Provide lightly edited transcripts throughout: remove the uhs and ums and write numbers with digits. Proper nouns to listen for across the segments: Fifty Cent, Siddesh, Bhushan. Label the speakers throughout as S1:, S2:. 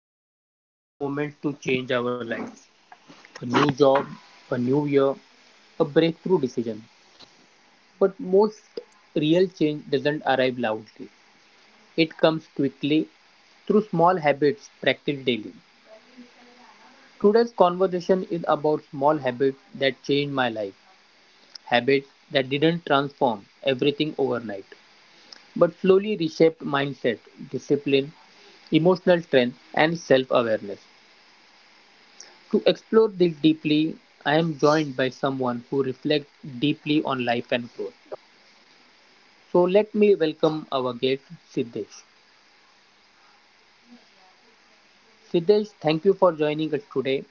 S1: often wait for big moments to change our lives: a new job, a new year, a breakthrough decision. But most real change doesn't arrive loudly, it comes quickly through small habits practiced daily. Today's conversation is about small habits that changed my life, habits that didn't transform everything overnight, but slowly reshaped mindset, discipline, emotional strength, and self awareness. To explore this deeply, I am joined by someone who reflects deeply on life and growth. So let me welcome our guest, Siddesh. Siddesh, thank you for joining us today.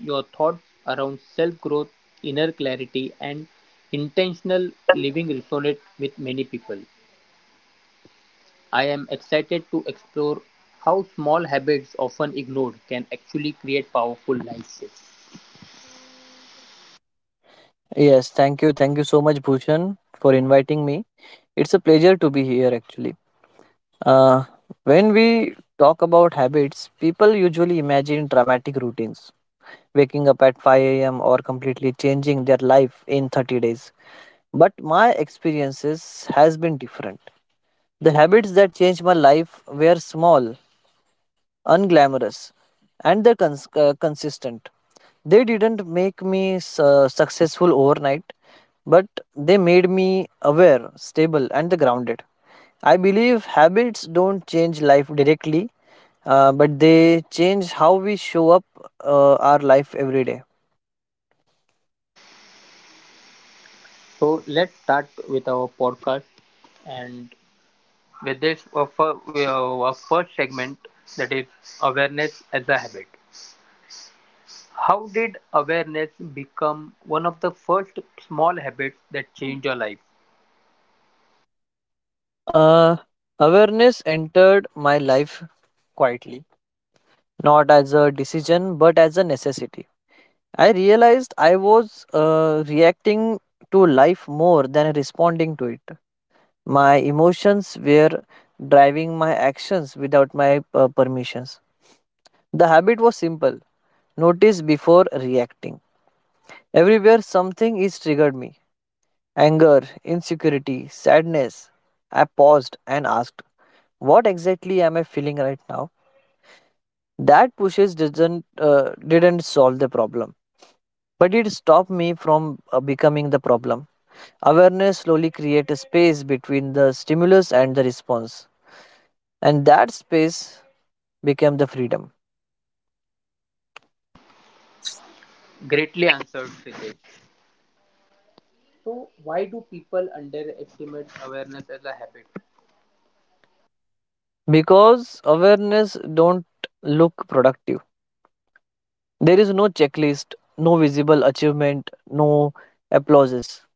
S1: Your thoughts around self growth, inner clarity, and intentional living resonate with many people. I am excited to explore how small habits, often ignored, can actually create powerful life shifts.
S2: Yes, thank you. Thank you so much, Bhushan, for inviting me. It's a pleasure to be here, actually. Uh, when we talk about habits, people usually imagine dramatic routines, waking up at 5 a.m. or completely changing their life in 30 days. But my experiences has been different. The habits that changed my life were small unglamorous, and the consistent. They didn't make me successful overnight, but they made me aware, stable, and the grounded. I believe habits don't change life directly, but they change how we show up our life every day.
S1: So let's start with our podcast and with this first segment, that is awareness as a habit. How did awareness become one of the first small habits that changed your life?
S2: Uh, Awareness entered my life quietly, not as a decision but as a necessity. I realized I was reacting to life more than responding to it. My emotions were driving my actions without my permissions. The habit was simple notice before reacting. Everywhere something is triggered me anger, insecurity, sadness. I paused and asked, "What exactly am I feeling right now?" That pushes did not didn't solve the problem, but it stopped me from becoming the problem. Awareness slowly creates a space between the stimulus and the response, and that space becomes the freedom.
S1: Greatly answered, Siddesh. So, why do people underestimate awareness as a habit?
S2: Because awareness don't look productive. There is no checklist, no visible achievement, no applauses.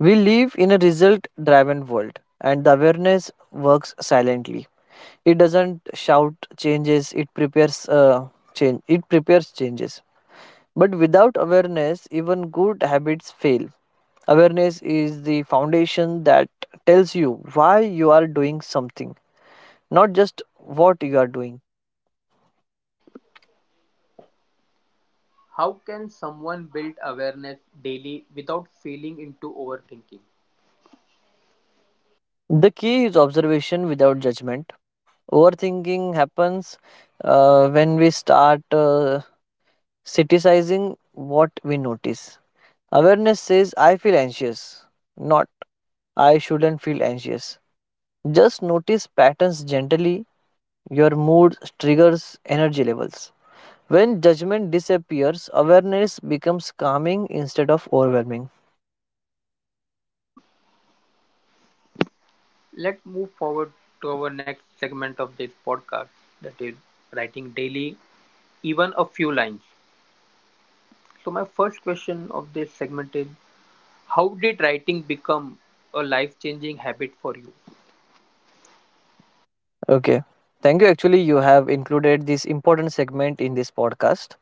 S2: We live in a result-driven world, and the awareness works silently. It doesn't shout changes. It prepares changes. But without awareness, even good habits fail. Awareness is the foundation that tells you why you are doing something, not just what you are doing.
S1: How can someone build awareness daily without falling into overthinking?
S2: The key is observation without judgment. Overthinking happens when we start criticizing what we notice. Awareness says, "I feel anxious," not "I shouldn't feel anxious." Just notice patterns gently. Your mood triggers energy levels. When judgment disappears, awareness becomes calming instead of overwhelming.
S1: Let's move forward to our next segment of this podcast, that is writing daily, even a few lines. So my first question of this segment is, how did writing become a life-changing habit for you?
S2: Okay. Thank you. Actually, you have included this important segment in this podcast.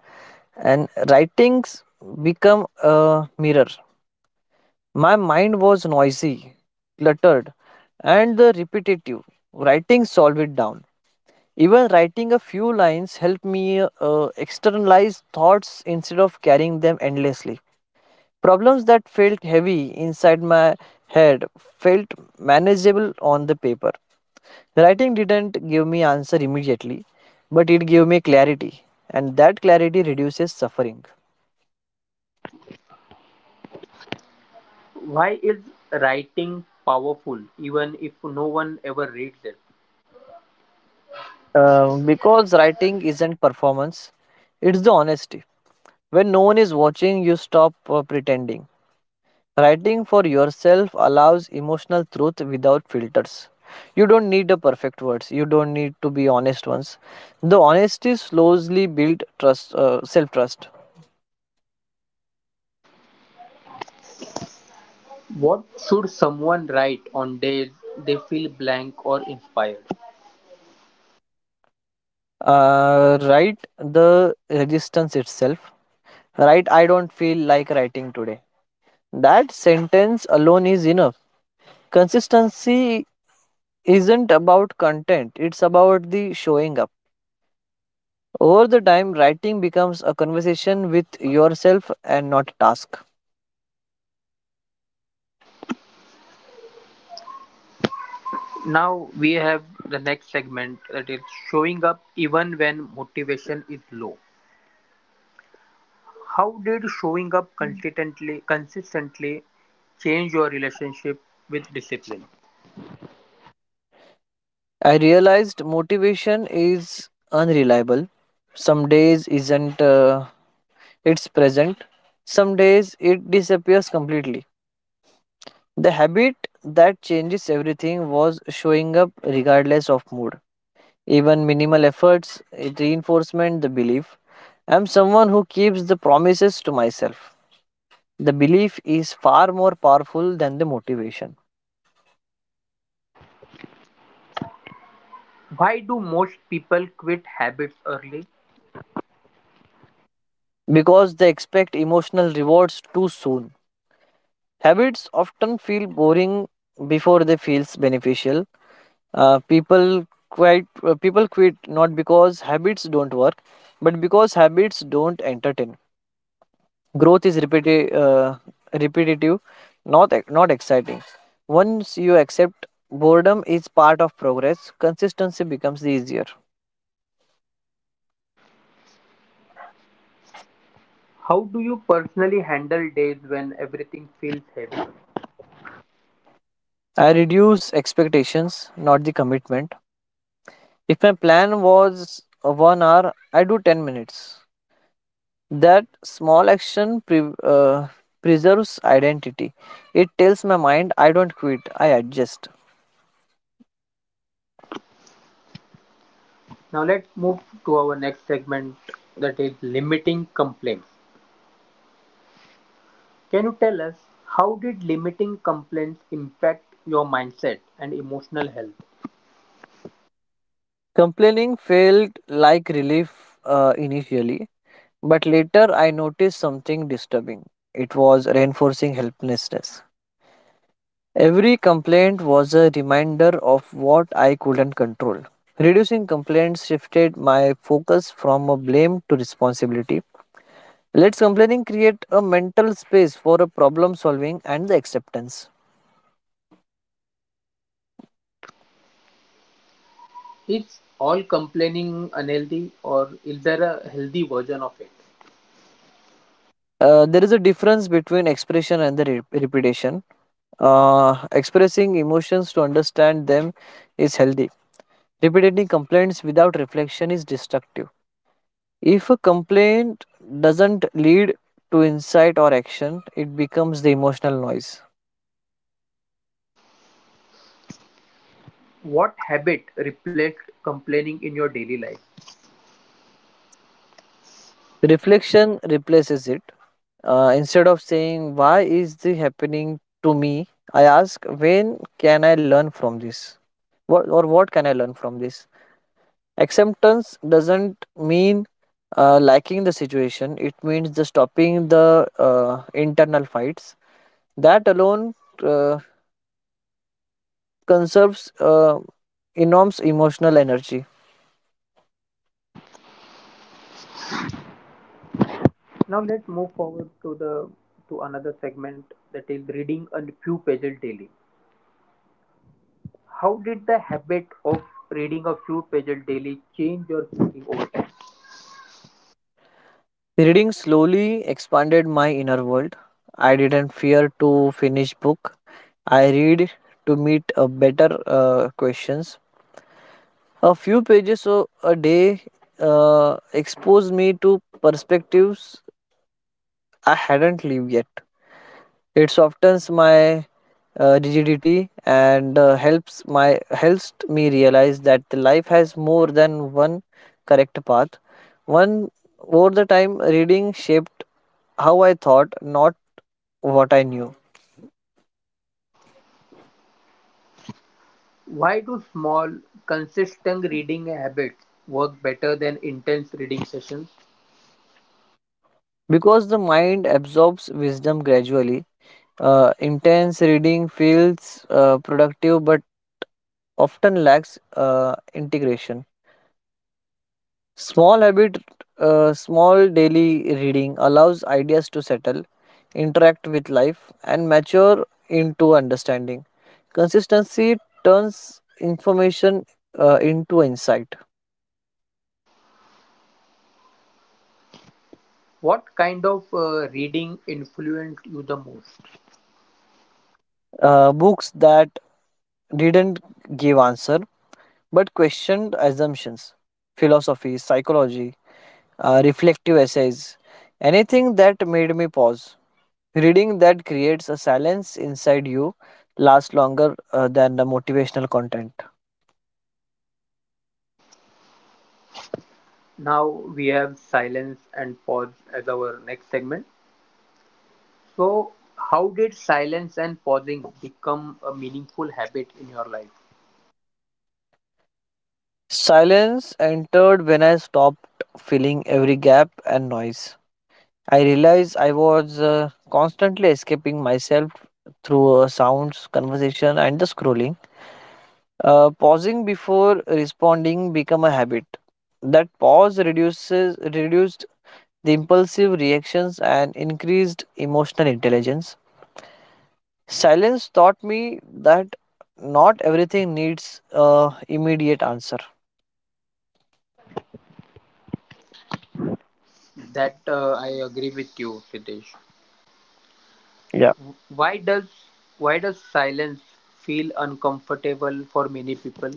S2: And writings become a mirror. My mind was noisy, cluttered, and the repetitive. Writing solved it down. Even writing a few lines helped me externalize thoughts instead of carrying them endlessly. Problems that felt heavy inside my head felt manageable on the paper. Writing didn't give me answer immediately, but it gave me clarity, and that clarity reduces suffering.
S1: Why is writing powerful even if no one ever reads it?
S2: Because writing isn't performance, it's the honesty. When no one is watching, you stop pretending. Writing for yourself allows emotional truth without filters. You don't need the perfect words. You don't need to be honest ones. The honesty slowly builds trust, self trust.
S1: What should someone write on days they feel blank or inspired?
S2: Write the resistance itself. Write, "I don't feel like writing today." That sentence alone is enough. Consistency isn't about content, it's about the showing up. Over the time, writing becomes a conversation with yourself and not a task.
S1: Now we have the next segment, that is showing up even when motivation is low. How did showing up consistently change your relationship with discipline?
S2: I realized motivation is unreliable. Some days isn't it's present. Some days it disappears completely. The habit that changes everything was showing up regardless of mood. Even minimal efforts, it reinforcement the belief. I'm someone who keeps the promises to myself. The belief is far more powerful than the motivation
S1: Why do most people quit habits early?
S2: because they expect emotional rewards too soon. Habits often feel boring before they feels beneficial. People quit not because habits don't work, but because habits don't entertain. Growth is repetitive, not exciting. Once you accept boredom is part of progress, consistency becomes easier.
S1: How do you personally handle days when everything feels heavy?
S2: I reduce expectations, not the commitment. If my plan was 1 hour, I do 10 minutes. That small action preserves identity. It tells my mind, "I don't quit, I adjust."
S1: Now let's move to our next segment, that is limiting complaints. Can you tell us, how did limiting complaints impact your mindset and emotional health?
S2: Complaining felt like relief initially, but later I noticed something disturbing. It was reinforcing helplessness. Every complaint was a reminder of what I couldn't control. Reducing complaints shifted my focus from a blame to responsibility. Let's complaining create a mental space for a problem solving and the acceptance.
S1: Is all complaining unhealthy, or is there a healthy version of it?
S2: There is a difference between expression and the repetition. Expressing emotions to understand them is healthy. Repeating complaints without reflection is destructive. If a complaint doesn't lead to insight or action, it becomes the emotional noise.
S1: What habit replaced complaining in your daily life?
S2: Reflection replaces it. Instead of saying, "Why is this happening to me?" I ask, "When can I learn from this? What, or what can I learn from this?" Acceptance doesn't mean liking the situation, it means the stopping the internal fights. That alone uh, conserves enormous emotional energy.
S1: Now let's move forward to the to another segment, that is reading a few pages daily. How did the habit of reading a few pages daily change your thinking over time?
S2: Reading slowly expanded my inner world. I didn't fear to finish book. I read to meet better questions. A few a day exposed me to perspectives I hadn't lived yet. It softens my rigidity and helps me realize that the life has more than one correct path. One over the time reading shaped how I thought, not what I knew.
S1: Why do small, consistent reading habits work better than intense reading sessions?
S2: Because the mind absorbs wisdom gradually, intense reading feels productive but often lacks integration. Small habit, Small daily reading allows ideas to settle, interact with life, and mature into understanding. Consistency turns information into insight.
S1: What kind of reading influenced you the most?
S2: Books that didn't give answer but questioned assumptions, philosophy, psychology, reflective essays, anything that made me pause. Reading that creates a silence inside you lasts longer than the motivational content.
S1: Now we have silence and pause as our next segment. So, how did silence and pausing become a meaningful habit in your life?
S2: Silence entered when I stopped filling every gap and noise. I realized I was constantly escaping myself through sounds, conversation, and the scrolling. Pausing before responding became a habit. That pause reduces reduced the impulsive reactions and increased emotional intelligence. Silence taught me that not everything needs immediate answer.
S1: That I agree with you, Siddesh.
S2: Yeah.
S1: Why does why does silence feel uncomfortable for many people?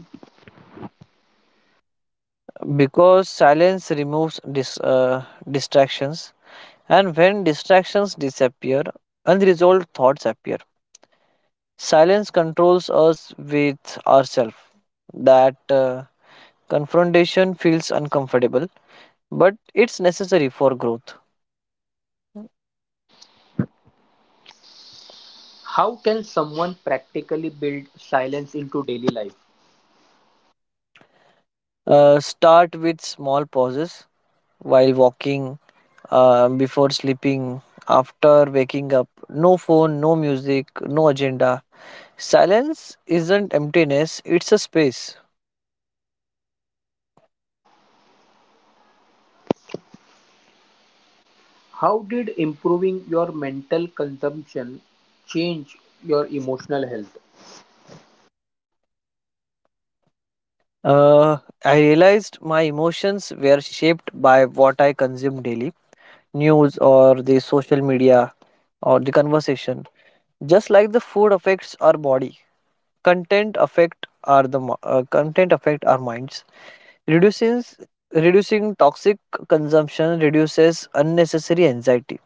S2: Because silence removes distractions, and when distractions disappear unresolved thoughts appear. Silence controls us with ourselves. That confrontation feels uncomfortable but it's necessary for growth.
S1: How can someone practically build silence into daily life?
S2: Start with small pauses while walking, before sleeping, after waking up. No phone, no music, no agenda. Silence isn't emptiness, it's a space.
S1: How did improving your mental consumption change your emotional health?
S2: Uh, I realized my emotions were shaped by what I consume daily news or the social media or the conversation. Just like the food affects our body, content affect our minds. Reducing Reducing toxic consumption reduces unnecessary anxiety.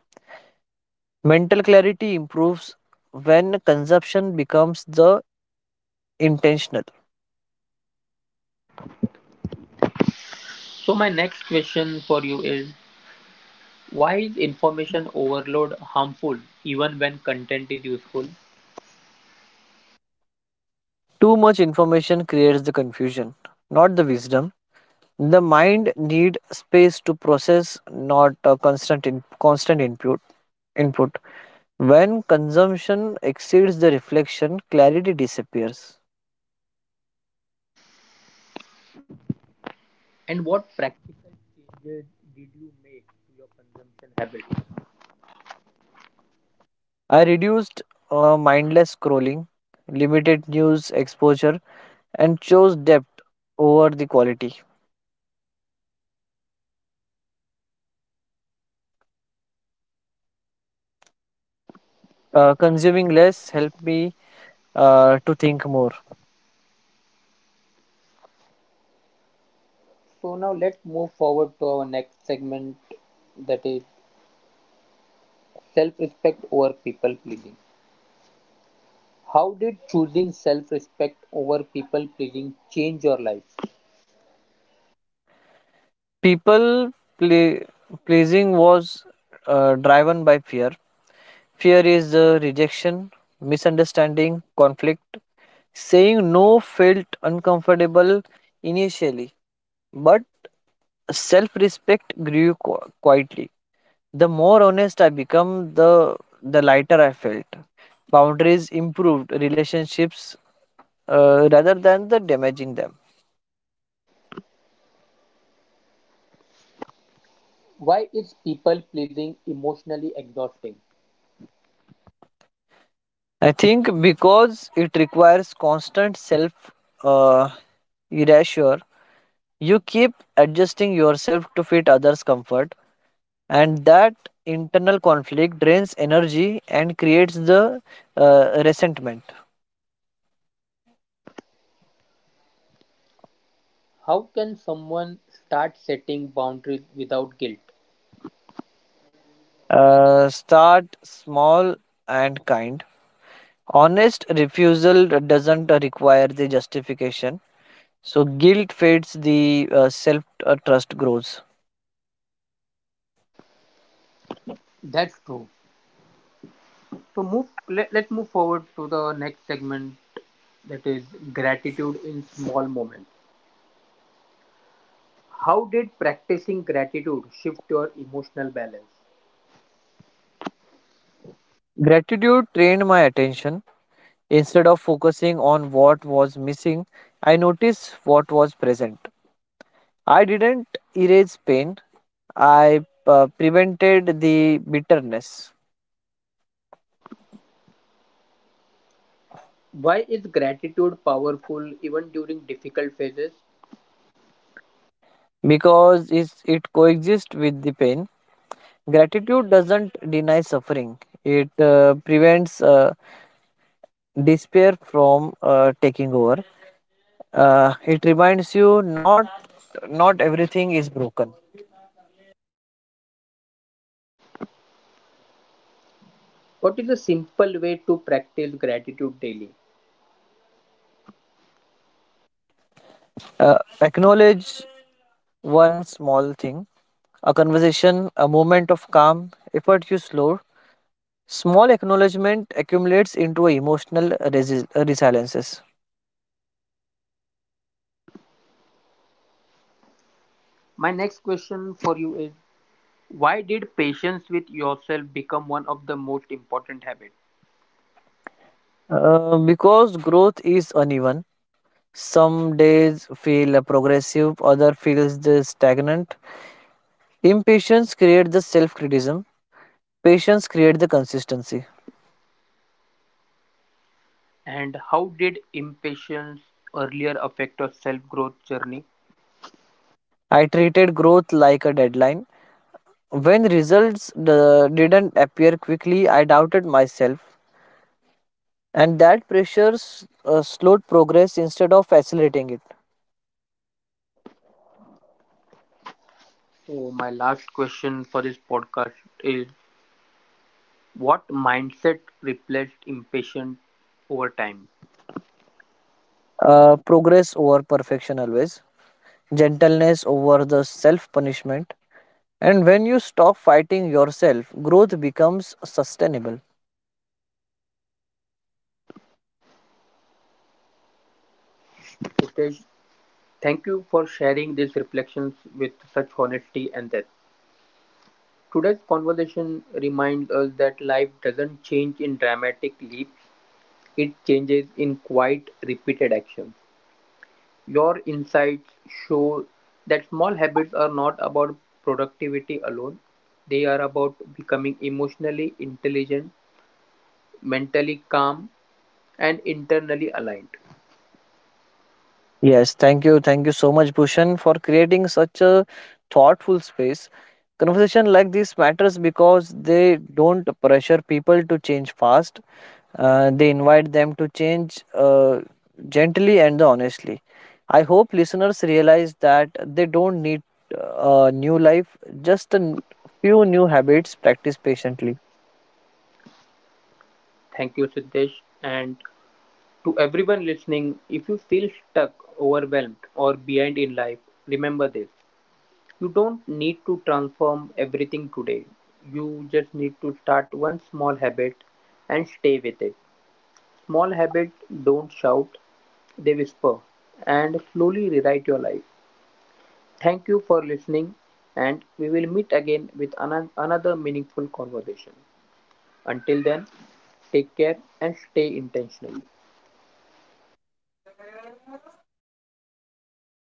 S2: Mental clarity improves when consumption becomes the intentional.
S1: So my next question for you is, why is information overload harmful even when content is useful?
S2: Too much information creates the confusion, not the wisdom. The mind need space to process, not a constant input. Input. When consumption exceeds the reflection, clarity disappears.
S1: And what practical changes did you make to your consumption habits?
S2: I reduced mindless scrolling, limited news exposure, and chose depth over the quality. Consuming less helped me to think more.
S1: So now let's move forward to our next segment, that is self respect over people pleasing. How did choosing self respect over people pleasing change your life?
S2: People play, pleasing was driven by fear. Fear is rejection, misunderstanding, conflict. Saying no felt uncomfortable initially, but self respect grew quietly. The more honest I became, the lighter I felt. Boundaries improved relationships rather than the damaging them.
S1: Why is people pleasing emotionally exhausting?
S2: I think because it requires constant self uh, erasure, you keep adjusting yourself to fit others' comfort, and that internal conflict drains energy and creates the resentment.
S1: How can someone start setting boundaries without guilt?
S2: Start small and kind. Honest refusal doesn't require the justification, so guilt fades, the self trust grows.
S1: That's true. So let's move forward to the next segment, that is gratitude in small moments. How did practicing gratitude shift your emotional balance?
S2: Gratitude trained my attention. Instead of focusing on what was missing, I noticed what was present. I didn't erase pain, I prevented the bitterness
S1: Why is gratitude powerful even during difficult phases?
S2: because it coexists with the pain. Gratitude doesn't deny suffering, it prevents despair from taking over. It reminds you not everything is broken.
S1: What is a simple way to practice gratitude daily?
S2: Acknowledge one small thing, a conversation, a moment of calm, effort you slow. Small acknowledgement accumulates into a emotional resiliences.
S1: My next question for you is, why did patience with yourself become one of the most important habits?
S2: Because growth is uneven, some days feel progressive, other feels the stagnant. Impatience creates the self-criticism. Patience creates the consistency.
S1: And how did impatience earlier affect your self growth journey?
S2: I treated growth like a deadline. When results didn't appear quickly, I doubted myself, and that pressure slowed progress instead of accelerating it.
S1: So, my last question for this podcast is, what mindset replaced impatience over time?
S2: Progress over perfection always, gentleness over the self punishment. And when you stop fighting yourself, growth becomes sustainable.
S1: Hitesh, thank you for sharing these reflections with such honesty and depth. Today's conversation reminds us that life doesn't change in dramatic leaps, it changes in quiet, repeated actions. Your insights show that small habits are not about productivity alone, they are about becoming emotionally intelligent, mentally calm, and internally aligned.
S2: Yes, thank you. Thank you so much, Bhushan, for creating such a thoughtful space. Conversation like this matters because they don't pressure people to change fast. They invite them to change gently and honestly. I hope listeners realize that they don't need a new life, just a few new habits practiced patiently.
S1: Thank you, Siddesh, and to everyone listening, if you feel stuck, overwhelmed, or behind in life, remember this. You don't need to transform everything today. You just need to start one small habit and stay with it. Small habits don't shout, they whisper and slowly rewrite your life. Thank you for listening, and we will meet again with another meaningful conversation. Until then, take care and stay intentional.